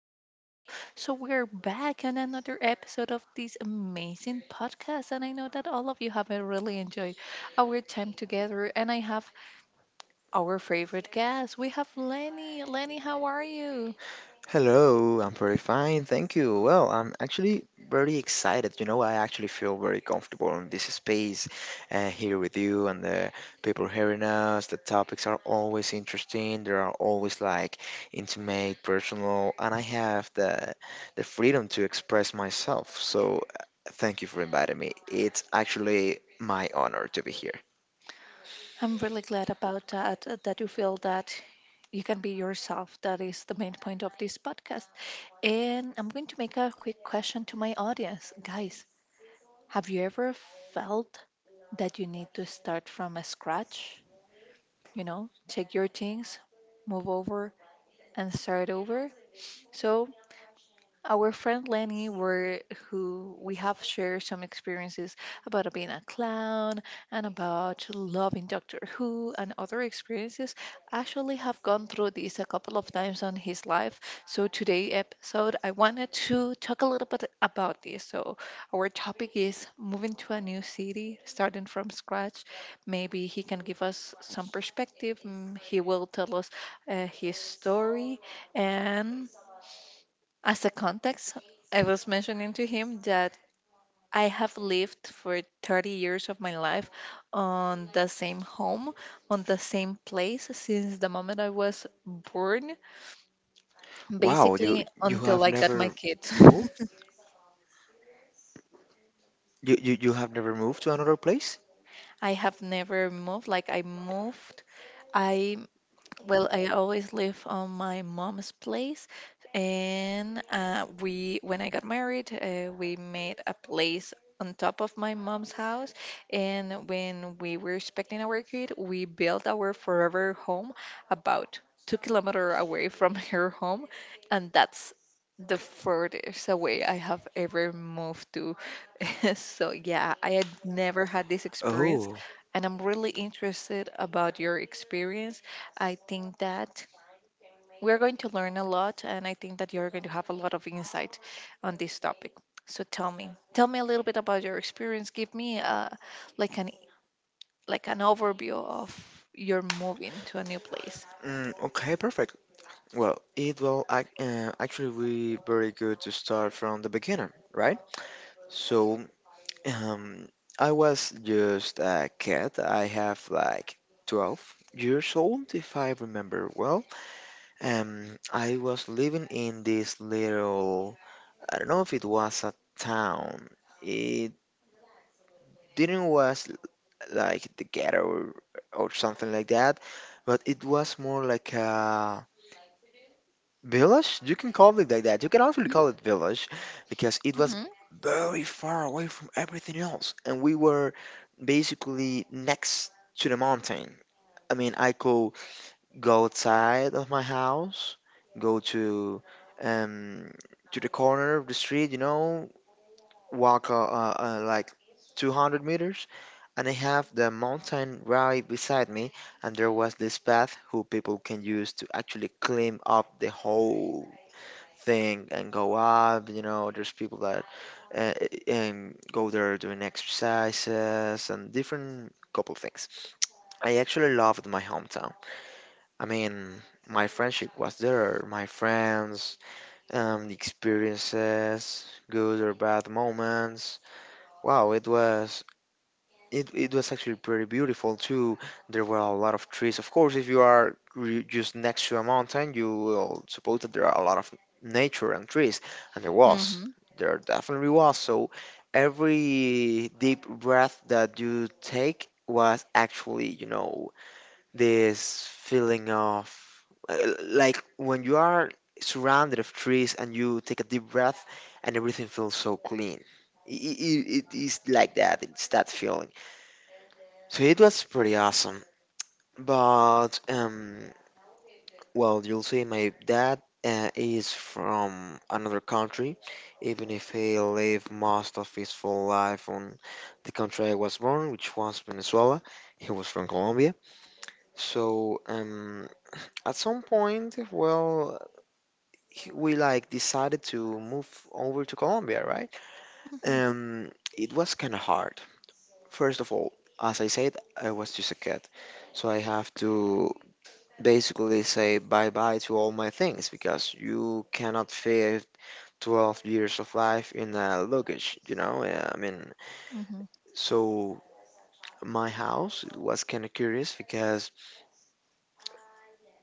people. So, we're back on another episode of this amazing podcast. And I know that all of you have really enjoyed our time together. And I have our favorite guest. We have Lenny. Lenny, how are you? Hello, I'm very fine, thank you. Well, I'm actually very excited. You know, I actually feel very comfortable in this space here with you and the people hearing us. The topics are always interesting. They are always like intimate, personal, and I have the freedom to express myself. So, thank you for inviting me. It's actually my honor to be here. I'm really glad about that, that you feel that you can be yourself. That is the main point of this podcast. And I'm going to make a quick question to my audience. Guys, have you ever felt that you need to start from a scratch? You know, take your things, move over, and start over? So, our friend Lenny, who we have shared some experiences about being a clown and about loving Doctor Who and other experiences, actually have gone through this a couple of times on his life. So today episode, I wanted to talk a little bit about this. So our topic is moving to a new city, starting from scratch. Maybe he can give us some perspective. He will tell us his story and as a context I was mentioning to him that I have lived for 30 years of my life on the same home, on the same place since the moment I was born, Wow, you basically you until have I got my never kids. moved? You have never moved to another place? I have never moved, like I moved. I Well, I always live on my mom's place, and when I got married, we made a place on top of my mom's house. And when we were expecting our kid, we built our forever home about 2 kilometers away from her home, and that's the furthest away I have ever moved to. So yeah, I had never had this experience, Oh. and I'm really interested about your experience. I think that we're going to learn a lot, and I think that you're going to have a lot of insight on this topic. So tell me a little bit about your experience. Give me like an like an overview of your moving to a new place. Mm, okay, perfect. Well, it will ac actually be very good to start from the beginning, right? So, um, I was just a kid. I have like 12 years old, if I remember well. I was living in this little, I don't know if it was a town. It didn't was like the ghetto or, something like that, but it was more like a village? You can call it like that. You can also call it village because it was hmm very far away from everything else. And we were basically next to the mountain. I mean, I could go outside of my house, go to um to the corner of the street, you know, walk like 200 meters, and I have the mountain right beside me, and there was this path who people can use to actually climb up the whole thing and go up. You know, there's people that uh, and go there doing exercises and different couple things. I actually loved my hometown. I mean, my friendship was there, my friends, the experiences, good or bad moments. Wow, it was actually pretty beautiful too. There were a lot of trees. Of course, if you are just next to a mountain, you will suppose that there are a lot of nature and trees, and there was. hmm There definitely was. So every deep breath that you take was actually, you know, this feeling of uh, like when you are surrounded of trees and you take a deep breath and everything feels so clean. It is like that. It's that feeling. So it was pretty awesome. But, well, you'll see my dad is from another country, even if he lived most of his full life on the country I was born, which was Venezuela. He was from Colombia. So, at some point, well, we like decided to move over to Colombia, right? hmm Um, it was kind of hard. First of all, as I said, I was just a kid, so I have to basically say bye bye to all my things because you cannot fit 12 years of life in a luggage, you know? Yeah, I mean, hmm so my house was kind of curious because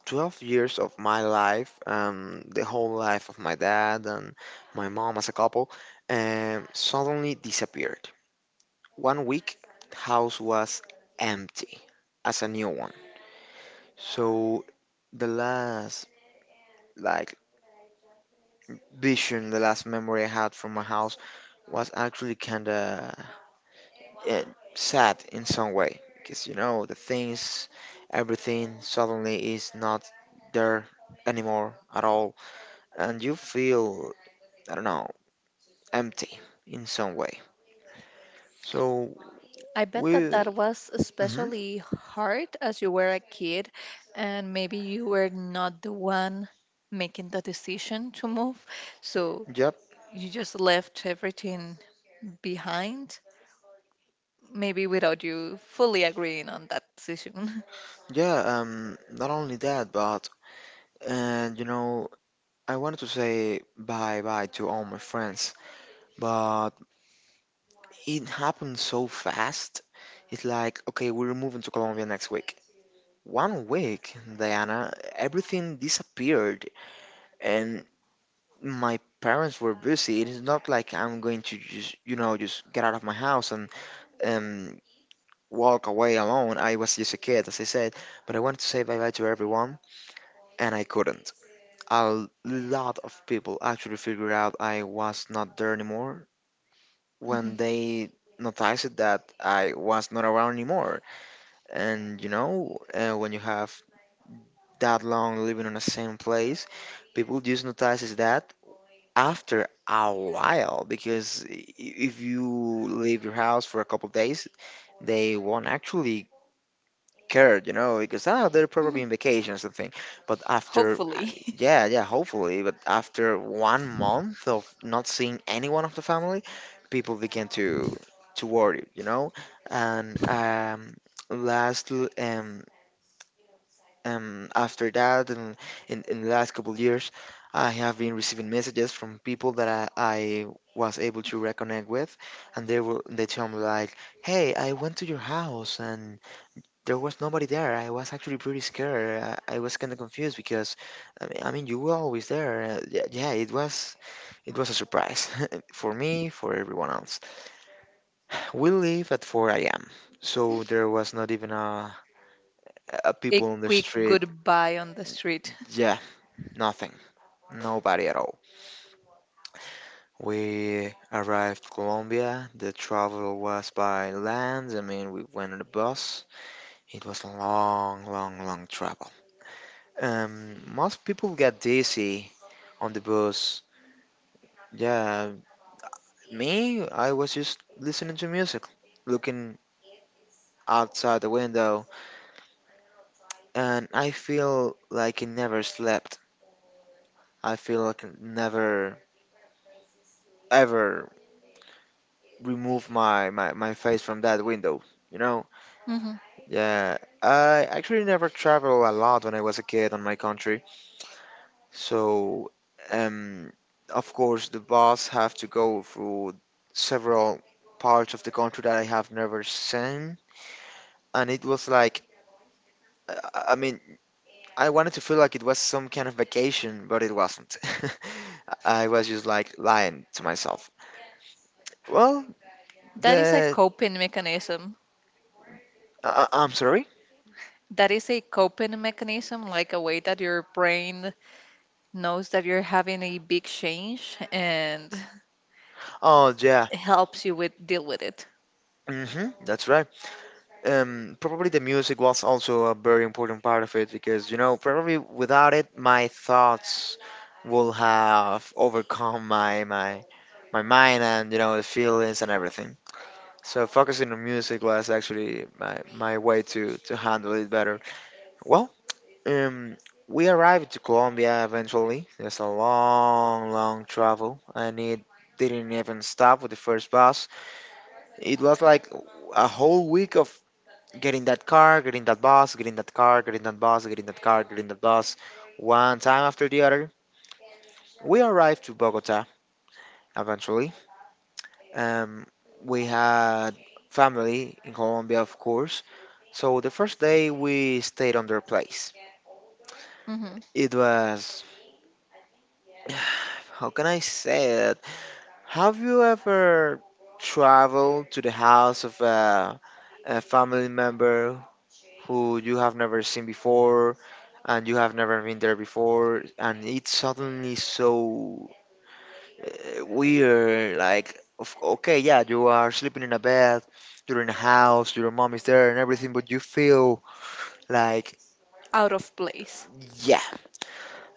12 years of my life, the whole life of my dad and my mom as a couple, suddenly disappeared. One week, house was empty as a new one. So the last like vision, the last memory I had from my house was actually kind of uh, sad in some way. Because, you know, the things, everything suddenly is not there anymore at all. And you feel, I don't know, empty in some way. So, I bet that we. that was Hmm. especially hard as you were a kid, and maybe you were not the one making the decision to move. So Yep. you just left everything behind, maybe without you fully agreeing on that decision. Yeah, not only that, but, you know, I wanted to say bye bye to all my friends, but it happened so fast. It's like, okay, we're moving to Colombia next week. One week, Diana, everything disappeared, and my parents were busy. It is not like I'm going to just, you know, just get out of my house and um walk away alone. I was just a kid, as I said, but I wanted to say bye bye to everyone, and I couldn't. A lot of people actually figured out I was not there anymore Mhm, when they noticed that I was not around anymore. And you know, when you have that long living in the same place, people just notices that after a while because if you leave your house for a couple of days, they won't actually care, you know, because oh, they're probably mhm. in vacation or something. But after, uh, Hopefully. yeah, yeah, hopefully, but after one month of not seeing anyone of the family, people begin to worry, you know, and last um after that, and in the last couple years, I have been receiving messages from people that I was able to reconnect with, and they tell me like, "Hey, I went to your house and there was nobody there. I was actually pretty scared. I was kind of confused because, you were always there." Yeah, yeah, it was a surprise for me, for everyone else. We leave at 4 a.m., so there was not even a A people on the quick street. goodbye on the street. Yeah, nothing. Nobody at all. We arrived Colombia. The travel was by land. I mean, we went on a bus. It was a long, long, long travel. Most people get dizzy on the bus. Yeah, me, I was just listening to music, looking outside the window, and I feel like I never slept. I feel like I never ever remove my face from that window, you know? Mhm. Yeah, I actually never traveled a lot when I was a kid on my country. So, um, of course, the bus have to go through several parts of the country that I have never seen, and it was like, I mean, I wanted to feel like it was some kind of vacation, but it wasn't. I was just like lying to myself. Well, That is a the coping mechanism. I'm sorry. That is a coping mechanism, like a way that your brain knows that you're having a big change and Oh yeah, helps you with deal with it. mm-hmm, that's right. Probably the music was also a very important part of it because, you know, probably without it, my thoughts will have overcome my mind and, you know, the feelings and everything. So focusing on music was actually my way to handle it better. Well, um, we arrived to Colombia eventually. It's a long, long travel, and it didn't even stop with the first bus. It was like a whole week of getting that car, getting that bus, getting that car, getting that bus, getting that car, getting that bus. One time after the other, we arrived to Bogota eventually. Um, we had family in Colombia, of course. So the first day we stayed on their place. hmm It was, how can I say it? Have you ever traveled to the house of a family member who you have never seen before and you have never been there before and it's suddenly so weird okay, yeah, you are sleeping in a bed, you're in a house, your mom is there and everything, but you feel like Out of place. yeah,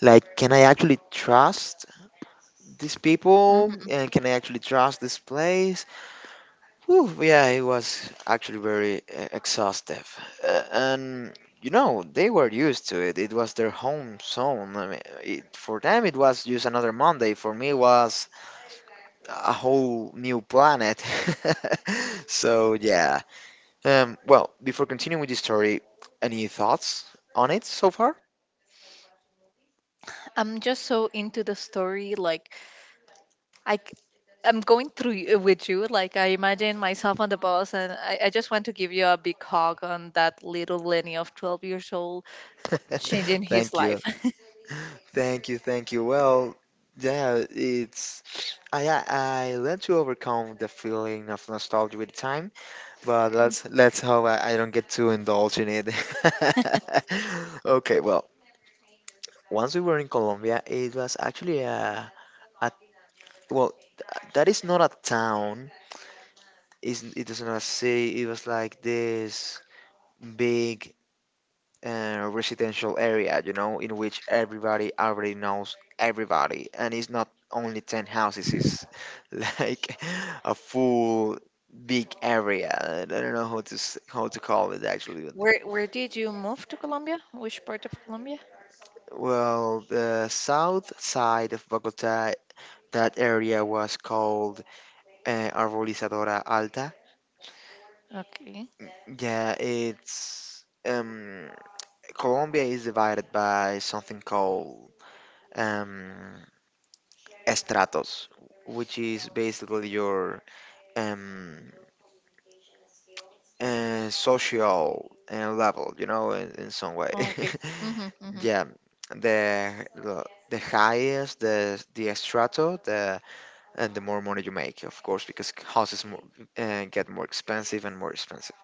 like, can I actually trust these people hmm and can I actually trust this place? Whew, yeah, it was actually very exhaustive. And, you know, they were used to it. It was their home zone. I mean, it, for them, it was just another Monday. For me, it was a whole new planet. So, yeah. Well, before continuing with the story, any thoughts on it so far? I'm just so into the story. Like I, c- I'm going with you. Like I imagine myself on the bus, and I just want to give you a big hug on that little Lenny of 12 years old changing his Thank life. you. Thank you. Thank you. Well, yeah, it's. I learned to overcome the feeling of nostalgia with time. But Mm. let's hope I don't get too indulged in it. Okay, well, once we were in Colombia, it was actually a well, that is not a town. It is not a city. It was like this big residential area, you know, in which everybody already knows everybody, and it's not only ten houses. It's like a full big area. I don't know how how to call it actually. Where did you move to Colombia? Which part of Colombia? Well, the south side of Bogota, that area was called Arbolizadora Alta. Okay. Yeah, it's Colombia is divided by something called um, estratos, which is basically your um, social level, you know, in some way. Okay. Mm-hmm, mm-hmm. Yeah, the highest, the estrato, the and the more money you make, of course, because houses get more expensive and more expensive.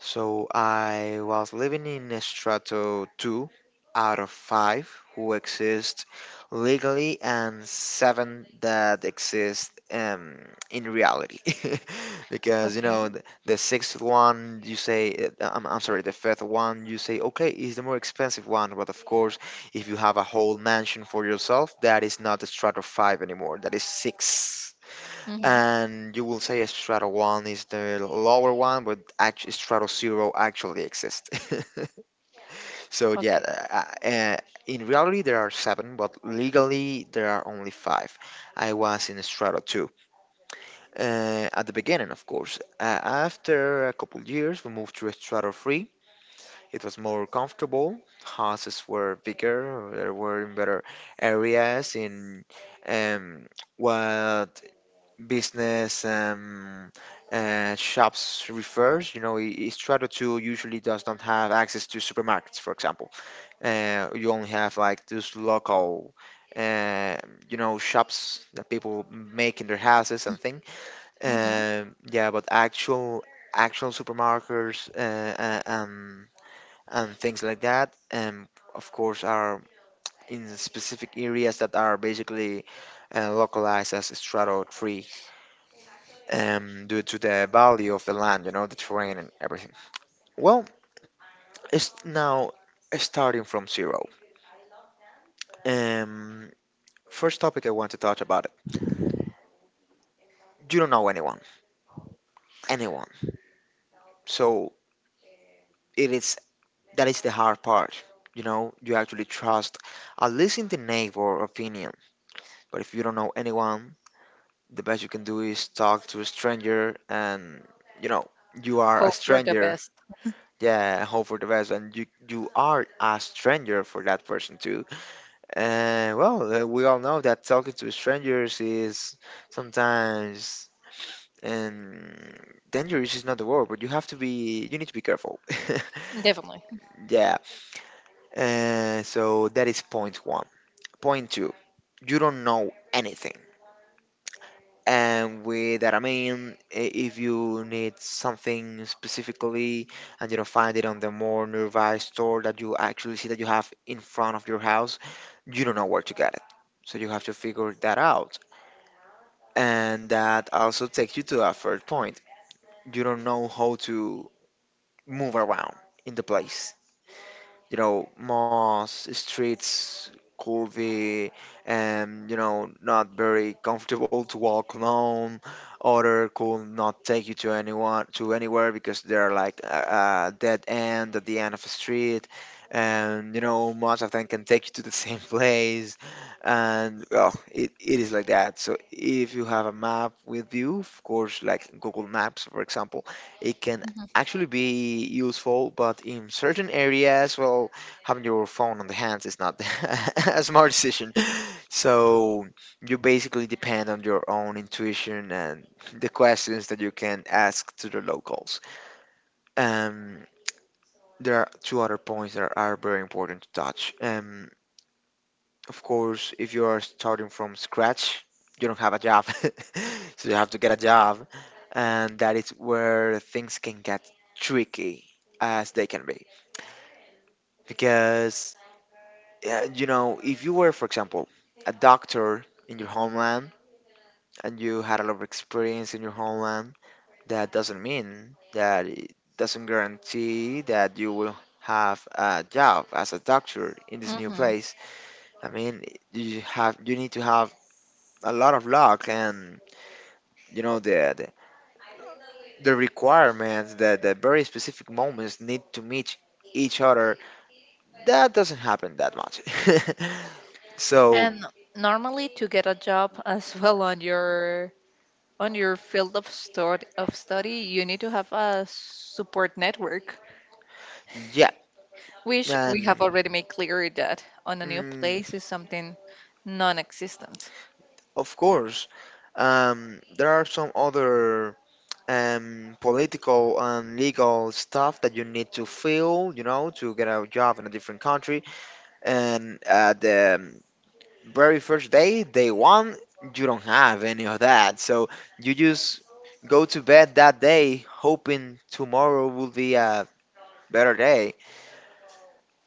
So I was living in a strato 2 out of 5 who exist legally and 7 that exist in reality. Because, you know, Okay. the sixth one, you say, I'm sorry, the fifth one, you say, okay, is the more expensive one. But of course, if you have a whole mansion for yourself, that is not a strato 5 anymore, that is 6, Mm-hmm. and you will say Strato 1 is the lower one, but actually Strato 0 actually exists. So yeah, uh, uh, uh, in reality there are seven, but legally there are only five. I was in Strato 2 at the beginning, of course. After a couple years, we moved to Strato 3. It was more comfortable. Houses were bigger. There were in better areas. In um, what business shops refers. You know, Estrada 2 usually does not have access to supermarkets, for example. You only have like those local, uh, you know, shops that people make in their houses and thing. Okay. Yeah, but actual supermarkets and things like that, of course, are in specific areas that are basically localized as Strato 3, due to the value of the land, you know, the terrain and everything. Well, it's now starting from zero. Um, First topic I want to touch about it. You don't know anyone, anyone. So it is that is the hard part. You know, you actually trust at least in the neighbor opinion. But if you don't know anyone, the best you can do is talk to a stranger, and you know, you are a Hope for the stranger. best. Yeah, hope for the best, and you are a stranger for that person too. And well, we all know that talking to strangers is sometimes and dangerous is not the word, but you need to be careful. Definitely. Yeah. So that is point one. Point two, you don't know anything. And with that, I mean, if you need something specifically and you don't find it on the more nearby store that you actually see that you have in front of your house, you don't know where to get it. So you have to figure that out. And that also takes you to a third point. You don't know how to move around in the place, you know, moss, streets, curvy, and, you know, not very comfortable to walk alone. Other could not take you to anyone to anywhere because they're like a dead end at the end of a street. And you know, most of them can take you to the same place, and well, it is like that. So if you have a map with you, of course, like Google Maps, for example, it can hmm actually be useful, but in certain areas, well, having your phone on the hands is not a smart decision. So you basically depend on your own intuition and the questions that you can ask to the locals. Um, there are two other points that are very important to touch. Of course, if you are starting from scratch, you don't have a job, so you have to get a job, and that is where things can get tricky as they can be. Because, yeah, you know, if you were, for example, a doctor in your homeland and you had a lot of experience in your homeland, that doesn't mean that it doesn't guarantee that you will have a job as a doctor in this new hmm place. I mean, you need to have a lot of luck and you know the requirements that the very specific moments need to meet each other. That doesn't happen that much. So, And normally to get a job as well on your field of study, you need to have a support network, yeah, which we have and already made clear that on a new mm, place is something non-existent. of course, there are some other political and legal stuff that you need to fill, you know, to get a job in a different country. And at the very first day, day one, you don't have any of that. So you just go to bed that day hoping tomorrow will be a better day.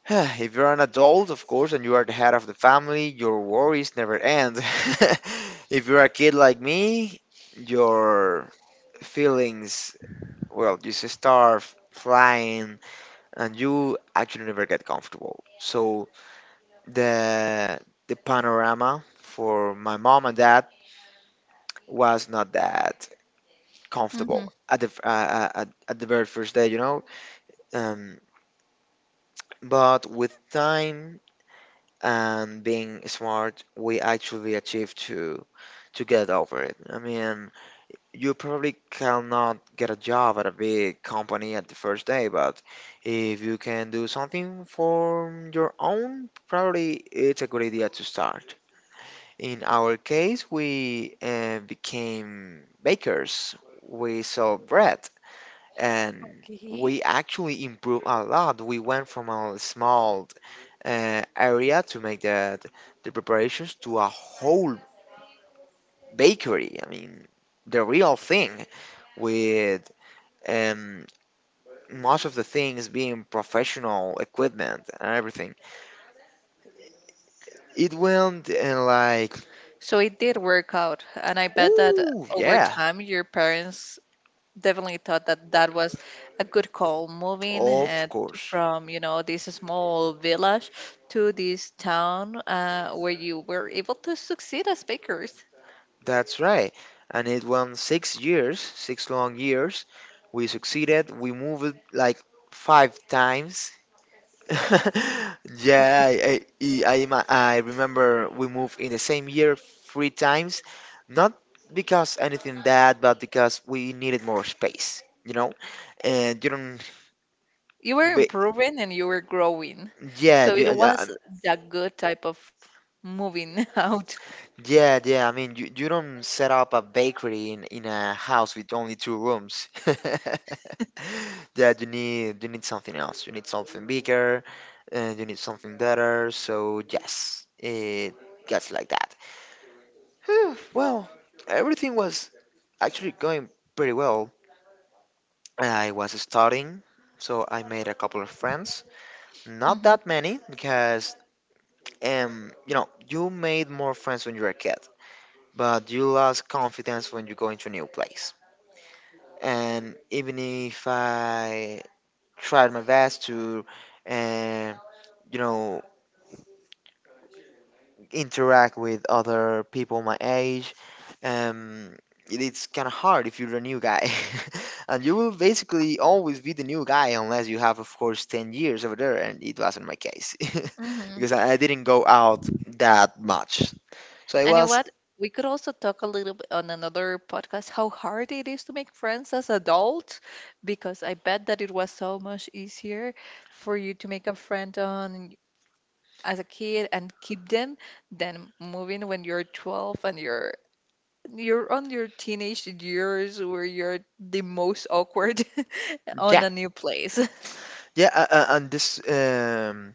If you're an adult, of course, and you are the head of the family, your worries never end. If you're a kid like me, your feelings, well, you just start flying and you actually never get comfortable. So the the panorama for my mom and dad was not that hmm comfortable at the at the very first day, you know. Um, but with time and being smart, we actually achieve to get over it. I mean, you probably cannot get a job at a big company at the first day, but if you can do something for your own, probably it's a good idea to start. In our case, we became bakers. We sold bread and we Okay. actually improved a lot. We went from a small area to make the preparations to a whole bakery. I mean, the real thing with um, most of the things being professional equipment and everything. It went and like, So it did work out, and I bet that ooh, over yeah, time your parents definitely thought that that was a good call moving of and course. from, you know, this small village to this town where you were able to succeed as bakers. That's right. And it won 6 years, six long years. We succeeded. We moved like five times. Okay. Yeah, I remember we moved in the same year three times. Not because anything bad, but because we needed more space, you know? And you don't, You were ba- improving and you were growing, yeah, so you, it was a good type of moving out. yeah, yeah. I mean, you don't set up a bakery in a house with only two rooms. Yeah, you need something else. You need something bigger, you need something better. So yes, it gets like that. Whew, well, everything was actually going pretty well. I was studying, so I made a couple of friends. Not that many because you know you made more friends when you were a kid, but you lost confidence when you go into a new place. And even if I tried my best to, uh, you know, interact with other people my age, um, it's kind of hard if you're a new guy. And you will basically always be the new guy unless you have, of course, 10 years over there. And it wasn't my case hmm because I didn't go out that much. So I And you know was, what? We could also talk a little bit on another podcast how hard it is to make friends as adult, because I bet that it was so much easier for you to make a friend on as a kid and keep them than moving when you're 12 and you're on your teenage years where you're the most awkward on yeah, a new place. yeah, and this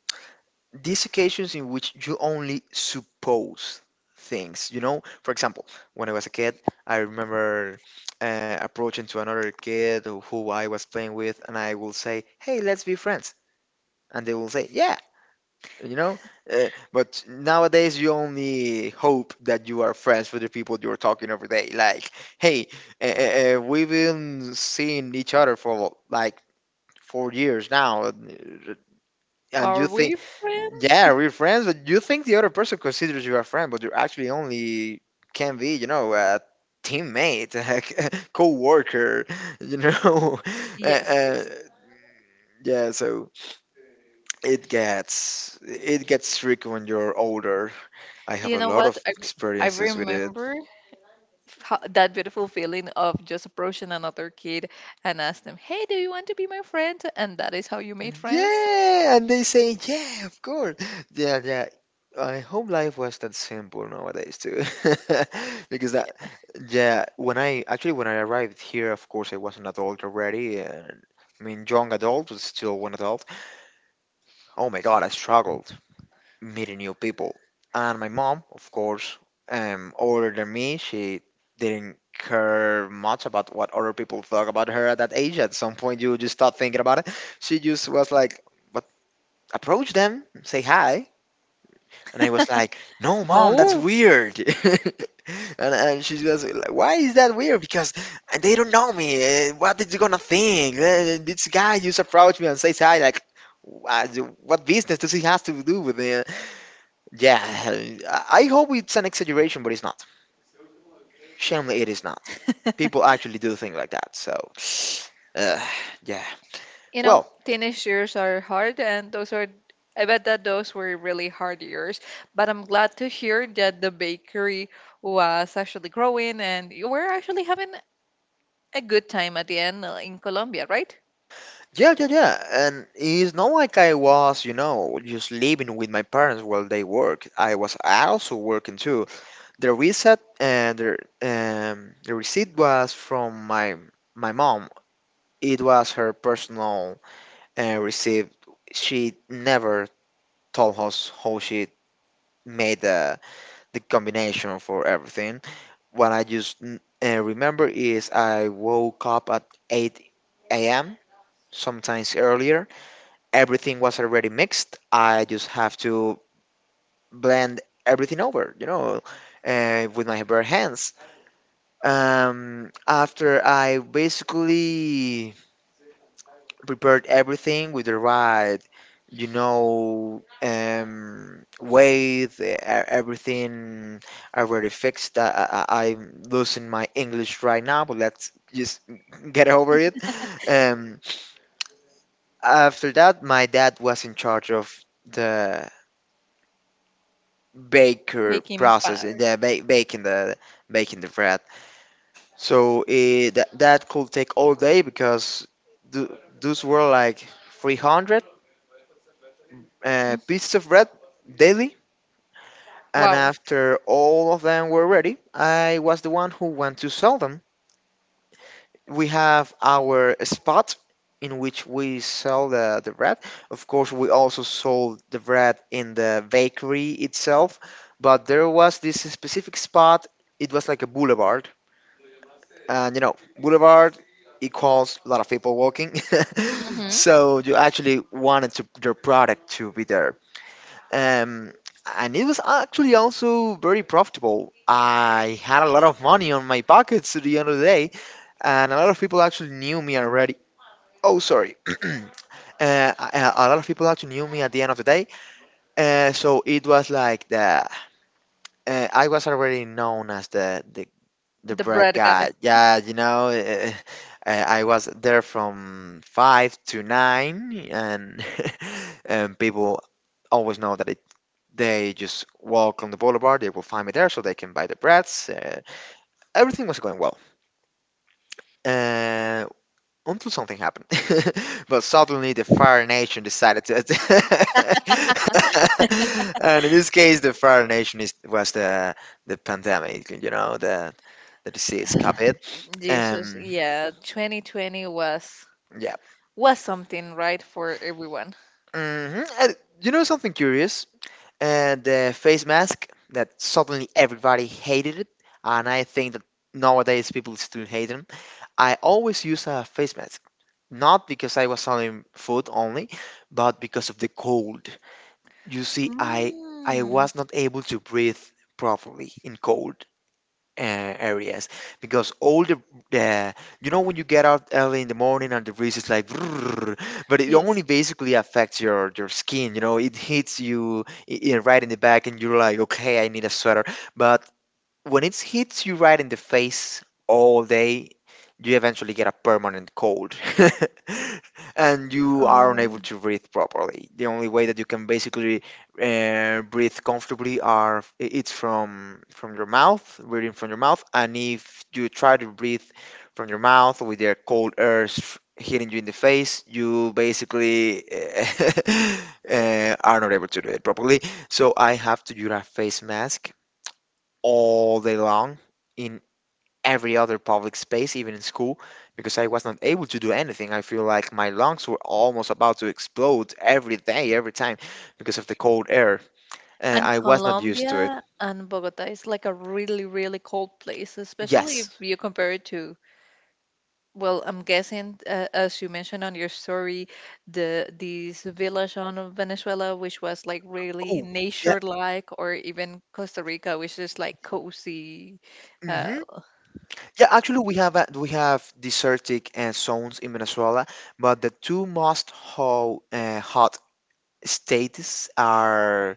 these occasions in which you only suppose things, you know, for example, when I was a kid, I remember approaching to another kid who I was playing with, and I will say, hey, let's be friends, and they will say, yeah, you know. But nowadays you only hope that you are friends with the people you're talking every day like, hey, we've been seeing each other for like 4 years now, and you Are think, we friends? yeah, we're friends, but you think the other person considers you a friend, but you're actually only can be, you know, a teammate, a co-worker, you know. uh, Yes, uh, yes. yeah, so it gets tricky when you're older. I have You a know lot what? of I experiences with it. remember that beautiful feeling of just approaching another kid and ask them, "Hey, do you want to be my friend?" And that is how you made friends. Yeah, and they say, yeah, of course. Yeah, yeah. I hope life was that simple nowadays too, Uh, because that, yeah. yeah. When I arrived here, of course, I was an adult already, and I mean, young adult, but still one adult. Oh my God, I struggled meeting new people, and my mom, of course, older than me, she didn't care much about what other people thought about her at that age. At some point, you just start thinking about it. She just was like, approach them, say hi. And I was like, no, mom, that's No. weird. And she was like, why is that weird? Because they don't know me. What is you going to think? This guy just approached me and says hi. Like, what what business does he has to do with it? Yeah, I hope it's an exaggeration, but it's not. Shamefully, it is not. People actually do think like that. So, uh, yeah. You know, Well, teenage years are hard, and those are. I bet that those were really hard years, but I'm glad to hear that the bakery was actually growing and you were actually having a good time at the end in Colombia, right? yeah, yeah, yeah. And it's not like I was, you know, just living with my parents while they work. I was also working too. The reset and the receipt was from my mom. It was her personal receipt. She never told us how she made the combination for everything. What I just remember is I woke up at 8 a.m. sometimes earlier everything was already mixed. I just have to blend everything over, you know, with my bare hands. After I basically prepared everything with the right, you know, weight, everything already fixed. I'm losing my English right now, but let's just get over it. Um, After that, my dad was in charge of the baker Baking process in part. the ba- baking the making the bread, so that could take all day because th- those were like 300 pieces of bread daily. And Wow. after all of them were ready, I was the one who went to sell them. We have our spot in which we sell the bread. Of course, we also sold the bread in the bakery itself, but there was this specific spot. It was like a boulevard, and you know, boulevard equals a lot of people walking, hmm so you actually wanted to, your product to be there. um, and it was actually also very profitable. I had a lot of money on my pockets at the end of the day, and a lot of people actually knew me already. Oh, sorry. A lot of people actually knew me at the end of the day. So it was like the I was already known as the The bread bread guy. guy. Yeah, you know, I was there from five to nine, and and people always know that they just walk on the boulevard, they will find me there, so they can buy the breads. Everything was going well, uh, until something happened. But suddenly, the Fire Nation decided to attack. And in this case, the Fire Nation was the pandemic, you know, the disease COVID. Jesus, Um, yeah, 2020 Yeah. was something, right, for everyone. Hmm. And you know something curious? The face mask that suddenly everybody hated it, and I think that nowadays people still hate them. I always use a face mask, not because I was selling food only, but because of the cold. You see, I Mm, was not able to breathe properly in cold uh, areas, because all the uh, you know, when you get out early in the morning and the breeze is like "Brrr," but it yes. only basically affects your skin, you know, it hits you right in the back and you're like, okay, I need a sweater. But when it hits you right in the face all day, you eventually get a permanent cold and you are unable Um, to breathe properly. The only way that you can basically breathe comfortably it's from your mouth, breathing from your mouth. And if you try to breathe from your mouth with your cold air hitting you in the face, you basically are not able to do it properly. So I have to use a face mask all day long in every other public space, even in school, because I was not able to do anything. I feel like my lungs were almost about to explode every day, every time, because of the cold air. And I was not used to it. Colombia and Bogota is like a really, really cold place, especially if Yes. you compare it to, well, I'm guessing, as you mentioned on your story, the this village on Venezuela, which was like really Oh, yeah. nature-like, or even Costa Rica, which is like cozy, uh. Hmm. Yeah, actually, we have desertic zones in Venezuela, but the two most ho hot states are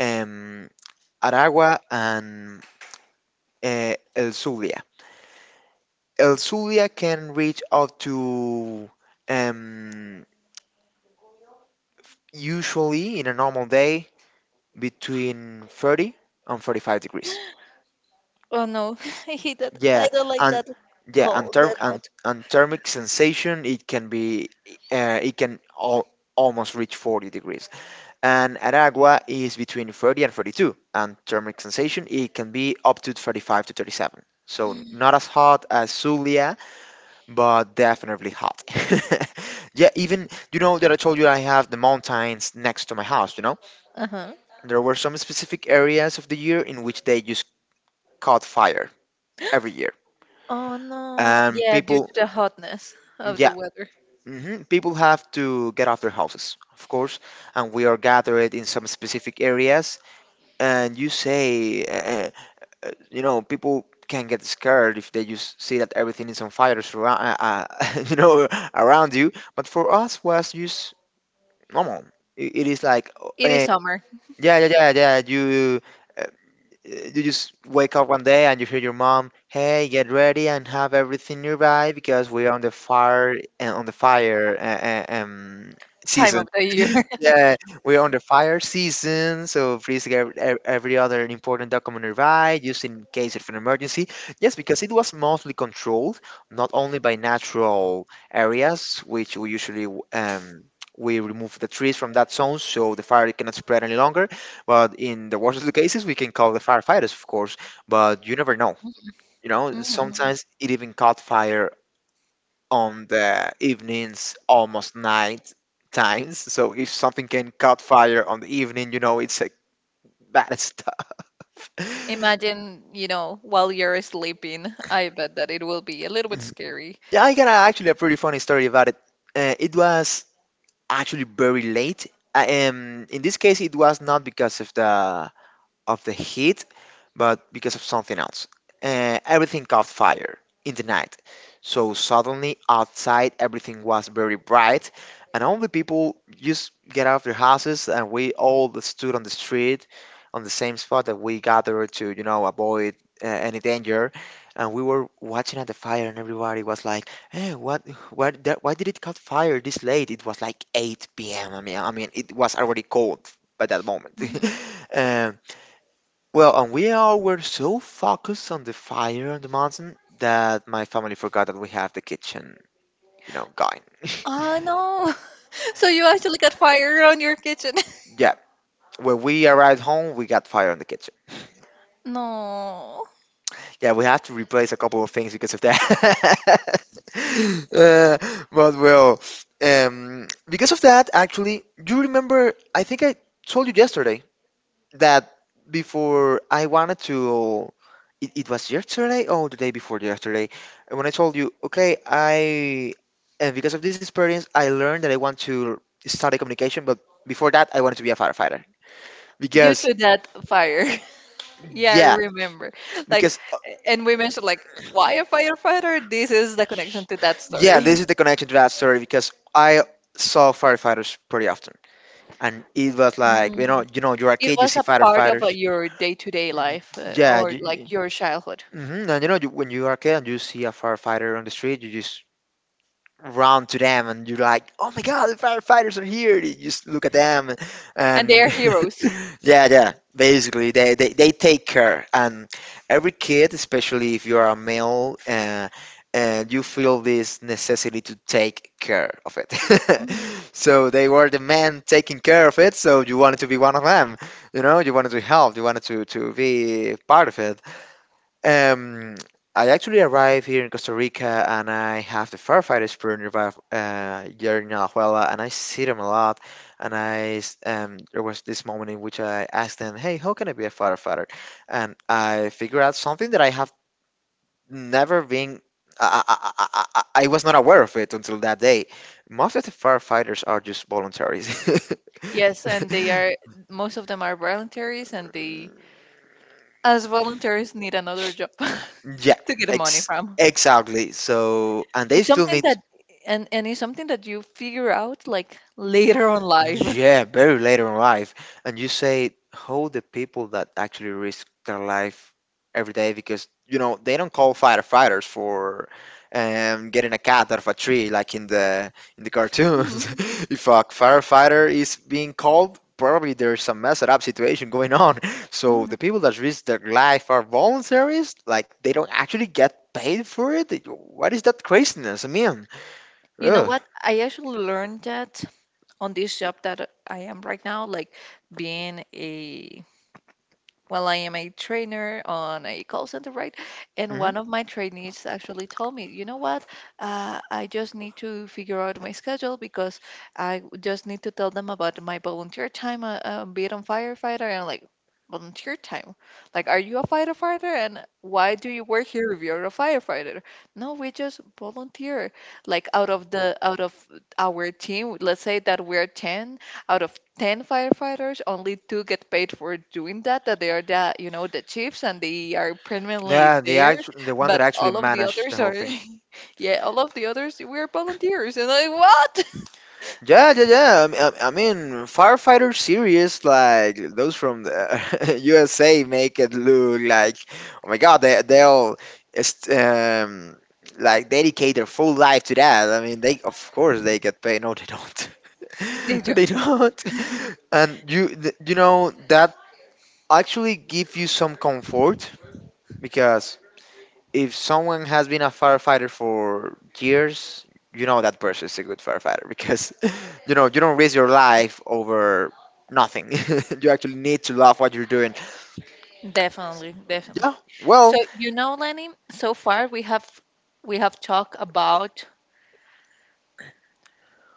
um, Aragua and El Zulia. El Zulia can reach up to um, usually in a normal day between 30 and 45 degrees. Oh no, I hate that. I Yeah, don't like and that yeah, and cold, therm that and, hot. and thermic sensation it can be it can al almost reach 40 degrees. And Aragua is between 30 and 32, and thermic sensation it can be up to 35 to 37. So not as hot as Zulia, but definitely hot. Yeah, even, you know that I told you I have the mountains next to my house, you know? Uh-huh. There were some specific areas of the year in which they just caught fire every year. Oh no. And Yeah, due people, to the hotness of the yeah, weather. hmm, people have to get off their houses, of course, and we are gathered in some specific areas. And you say, you know, people can get scared if they just see that everything is on fire, you know, around you. But for us was just normal. It is like, It is summer, yeah, yeah, yeah, yeah. Uh, you just wake up one day and you hear your mom, "Hey, get ready and have everything nearby because we're on the fire, and on the fire uh, um time season." of the year. Yeah, we're on the fire season, so please get every other important document nearby, just in case of an emergency. Yes, because it was mostly controlled not only by natural areas, which we usually we remove the trees from that zone so the fire cannot spread any longer, but in the worst of the cases, we can call the firefighters, of course, but you never know. You know, Mhm. sometimes it even caught fire on the evenings, almost night times. So if something can caught fire on the evening, you know, it's like bad stuff. Imagine, you know, while you're sleeping, I bet that it will be a little bit Mhm. scary. Yeah, I got actually a pretty funny story about it. It was actually very late. In this case, it was not because of the heat, but because of something else. Everything caught fire in the night. So suddenly outside everything was very bright, and all the people just get out of their houses, and we all stood on the street, on the same spot that we gathered to, you know, avoid any danger. And we were watching at the fire, and everybody was like, "Hey, what? What? That, why did it caught fire this late? It was like 8 p.m. I mean, it was already cold by that moment." Mhm. um, well, and we all were so focused on the fire on the mountain that my family forgot that we have the kitchen, you know, going. Oh no. So you actually got fire on your kitchen. Yeah, when we arrived home, we got fire on the kitchen. No. Yeah, we had to replace a couple of things because of that. uh, but well, because of that, actually, you remember? I think I told you yesterday that before I wanted to, it was yesterday or the day before yesterday, and when I told you, okay, I, and because of this experience, I learned that I want to study communication, but before that, I wanted to be a firefighter. Due Because, to that fire. Yeah, I yeah, remember. Like, because, and we mentioned like why a firefighter? This is the connection to that yeah, story. this is the connection to that story, because I saw firefighters pretty often. And it was like, Mhm. You know, you're a It kid, you was see a part of firefighters. your day-to-day Y- life Yeah, or like your childhood, hmm. And you know, when you are a kid and you see a firefighter on the street, you just run to them and you're like, oh my god, the firefighters are here. You just look at them, and they and are heroes. yeah, yeah. Basically, they take care. And every kid, especially if you are a male, and you feel this necessity to take care of it. Mhm. So they were the men taking care of it. So you wanted to be one of them. You know, you wanted to help. You wanted to be part of it. Um, I actually arrived here in Costa Rica and I have the firefighter's crew nearby, here in Alajuela, and I see them a lot. And there was this moment in which I asked them, hey, how can I be a firefighter? And I figured out something that I have never been, I was not aware of it until that day. Most of the firefighters are just voluntaries. Yes, and they are. Most of them are volunteers, and they, Mm. as volunteers, need another job Yeah, to get money ex from. exactly. So, and they It's still something need. that, and it's something that you figure out like later on life. Yeah, very later in life. And you say how the people that actually risk their life every day, because you know they don't call firefighters for getting a cat out of a tree like in the cartoons. If a firefighter is being called, probably there's some messed up situation going on. So Mhm. the people that risk their life are voluntaries, like they don't actually get paid for it. What is that craziness? I mean, You know ugh. what? I actually learned that on this job that I am right now, like being a well, I am a trainer on a call center, right? And Mm-hmm. one of my trainees actually told me, you know what? I just need to figure out my schedule because just need to tell them about my volunteer time, be it on firefighter. And I'm like, volunteer time? Like, are you a firefighter? And why do you work here if you're a firefighter? No, we just volunteer. Like, out of our team, let's say that we're ten out of 10 firefighters, only two get paid for doing that, that they are, the you know, the chiefs, and they are permanently Yeah, the there, actual, the one that but actually all of the managed the others whole are, thing. yeah, all of the others we're volunteers, and like what. Yeah, yeah, yeah. I mean, firefighter series like those from the USA make it look like, oh my God, they'll est- um, like dedicate their full life to that. I mean, they, of course they get paid. No, they don't. They No, they don't. don't. And you know that actually give you some comfort, because if someone has been a firefighter for years, you know that person is a good firefighter, because you know you don't risk your life over nothing. You actually need to love what you're doing. Definitely, definitely. Yeah. So Well. you know, Lenny, so far we have, we have talked about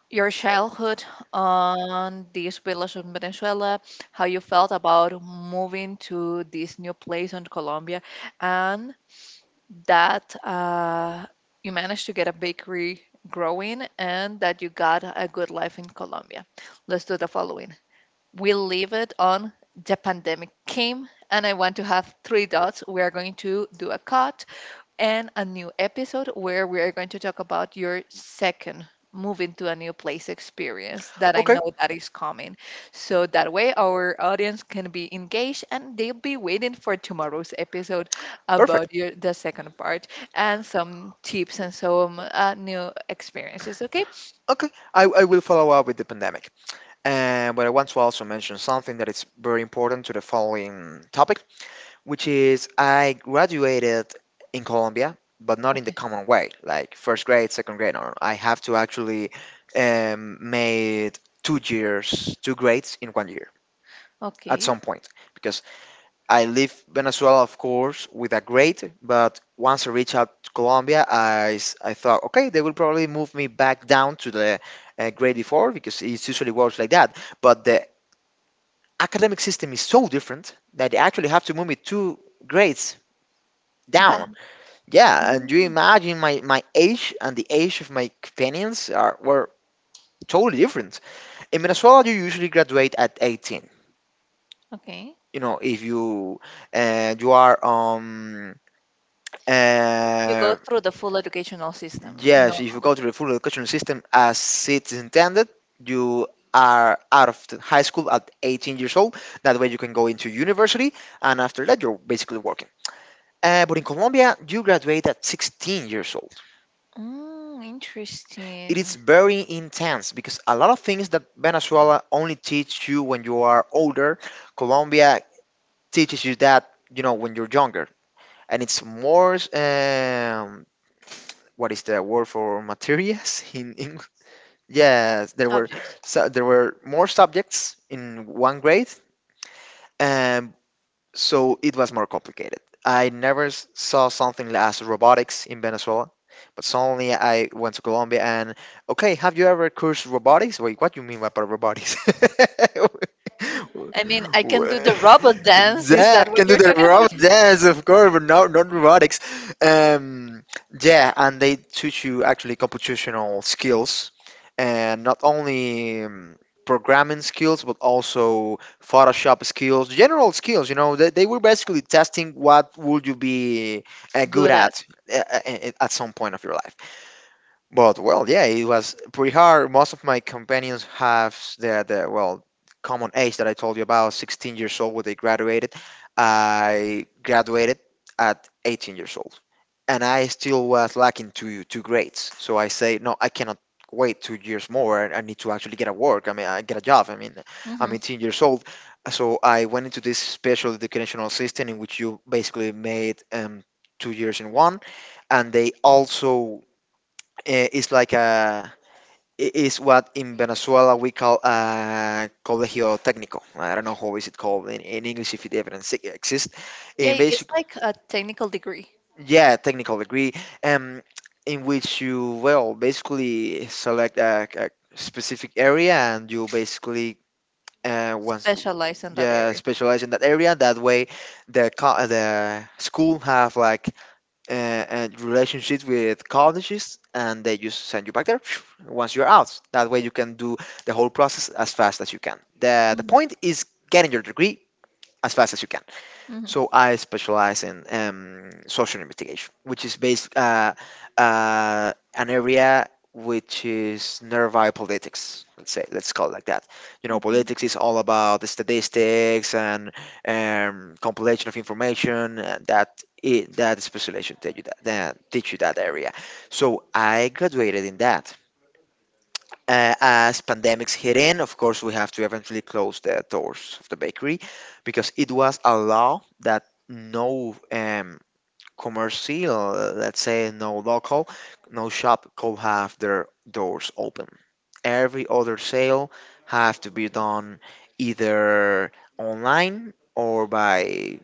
your childhood on this village in Venezuela, how you felt about moving to this new place in Colombia, and that you managed to get a bakery growing and that you got a good life in Colombia. Let's do the following. We leave it on the pandemic came, and I want to have three dots. We are going to do a cut and a new episode where we are going to talk about your second moving to a new place experience that I Okay. know that is coming. So that way our audience can be engaged, and they'll be waiting for tomorrow's episode Perfect. about your the second part and some tips and some new experiences, okay? Okay. I will follow up with the pandemic. And but I want to also mention something that is very important to the following topic, which is I graduated in Colombia, but not in the Okay. common way, like first grade, second grade. No, no, no. I have to actually made 2 years, two grades in one year at Okay. some point, because I leave Venezuela, of course, with a grade. But once I reach out to Colombia, I thought, okay, they will probably move me back down to the grade before, because it usually works like that. But the academic system is so different that they actually have to move me two grades But down. Yeah, and you mm, imagine my age and the age of my companions are were totally different. In Venezuela, you usually graduate at 18. okay, If you you are you go uh, through the full educational system yes, if you normally. go to the full educational system as it's intended, you are out of the high school at 18 years old. That way, you can go into university, and after that, you're basically working. But in Colombia, you graduate at 16 years old. Mm, It interesting. is very intense because a lot of things that Venezuela only teach you when you are older, Colombia teaches you that when you're younger, and it's more, what is the word for materials in English? Yes, there were Subjects. so there were more subjects in one grade, um, So it was more complicated. I never saw something as robotics in Venezuela, but suddenly I went to Colombia and okay, have you ever cursed robotics? Wait, what do you mean by robotics? I mean, I can do the Wha- robot dance. Is yeah, that I what can do you're the talking about? robot dance, of course, but no, not robotics. Um, yeah, and they teach you actually computational skills, and not only programming skills, but also Photoshop skills, general skills. They were basically testing what would you be good Good at. At some point of your life. But well, yeah, it was pretty hard. Most of my companions have the well, common age that I told you about, 16 years old when they graduated. I graduated at 18 years old, and I still was lacking two grades. So I say, no, I cannot wait 2 years more. I need to actually get a work. I mean, I get a job. I mean, I'm hmm 18 years old. So I went into this special educational system in which you basically made 2 years in one, and they also eh, is like a I- is what in Venezuela we call a colegio técnico. I don't know how is it called in English, if it even exists. In Yeah, it's basic, like a technical degree, yeah, technical degree, um, in which you well basically select a specific area, and you basically once specialized in that yeah, area. specialize in that area. That way, the school have like, and relationships with colleges, and they just send you back there once you're out. That way, you can do the whole process as fast as you can. The point is getting your degree as fast as you can. hmm So I specialize in social investigation, which is based an area which is nearby politics. Let's say, let's call it like that. You know, Okay. politics is all about the statistics and compilation of information, that specialization that teach you that area. So I graduated in that. As pandemics hit in, of course, we have to eventually close the doors of the bakery, because it was a law that no commercial, let's say no local, no shop could have their doors open. Every other sale have to be done either online, or by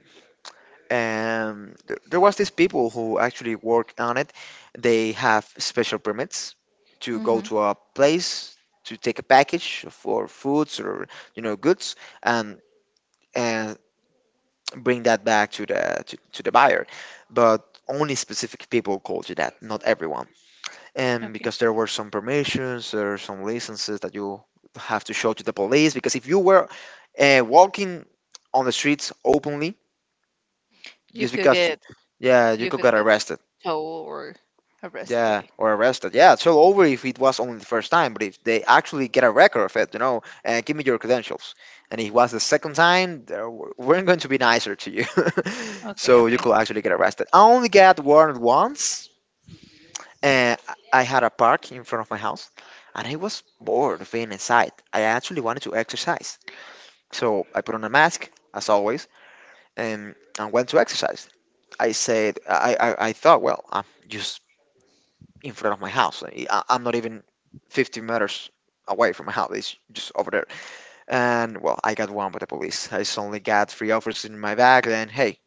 there was these people who actually work on it. They have special permits to go hmm to a place to take a package for foods, or goods, and and bring that back to the to the buyer. But only specific people could do that, not everyone, and Okay. because there were some permissions or some licenses that you have to show to the police, because if you were walking on the streets openly, You just could because you, get, yeah, you you could could get get arrested. tow or arrested. Yeah, Okay. or arrested. Yeah, it's all over if it was only the first time, but if they actually get a record of it, and give me your credentials. And if it was the second time, we're going to be nicer to you. Okay. So you Okay. could actually get arrested. I only got warned once, and I had a park in front of my house, and I was bored of being inside. I actually wanted to exercise. So I put on a mask, as always, and went to exercise. I thought, well, I'm just in front of my house. I'm not even 50 meters away from my house. It's just over there. And well, I got one with the police. I suddenly got three offers in my bag. Then hey,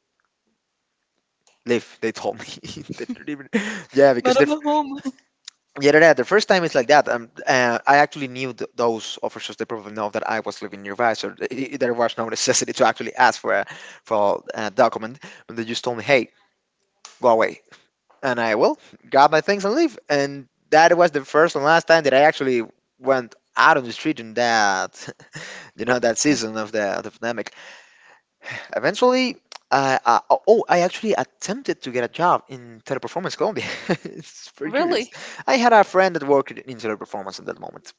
leave. They told me. They didn't even, yeah, because But I'm the at home. yeah, yeah, the first time it's like that. I actually knew those officers. They probably know that I was living nearby, so there was no necessity to actually ask for a document. But they just told me, hey, go away. And I, well, got my things and leave. And that was the first and last time that I actually went out on the street in that, that Yeah. season of the pandemic. Eventually, I actually attempted to get a job in Teleperformance Colombia. It's pretty curious. Really? I had a friend that worked in Teleperformance at that moment,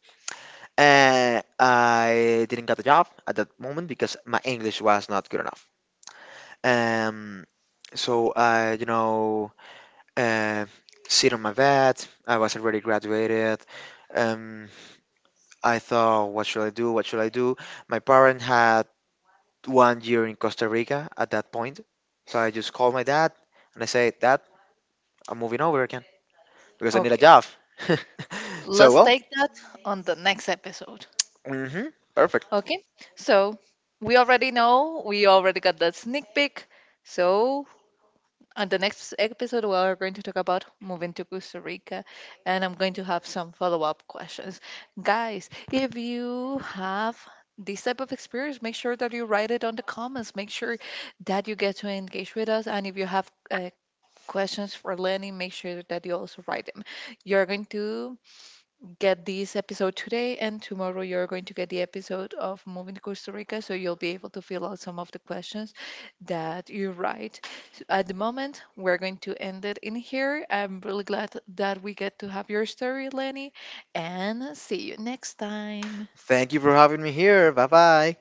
and I didn't get the job at that moment because my English was not good enough. Um, so I, uh, sit on my bed. I was already graduated. Um, I thought, what should I do? What should I do? My parent had one year in Costa Rica at that point, so I just called my dad and I said, Dad, I'm moving over again because I need a Okay. job. so Let's well, take that on the next episode. hmm perfect. Okay. So we already know. We already got that sneak peek. So on the next episode, we are going to talk about moving to Costa Rica, and I'm going to have some follow up questions. Guys, if you have this type of experience, make sure that you write it on the comments. Make sure that you get to engage with us. And if you have questions for Lenny, make sure that you also write them. You're going to get this episode today, and tomorrow you're going to get the episode of Moving to Costa Rica, so you'll be able to fill out some of the questions that you write. So at the moment, we're going to end it in here. I'm really glad that we get to have your story, Lenny, and see you next time. Thank you for having me here. Bye bye.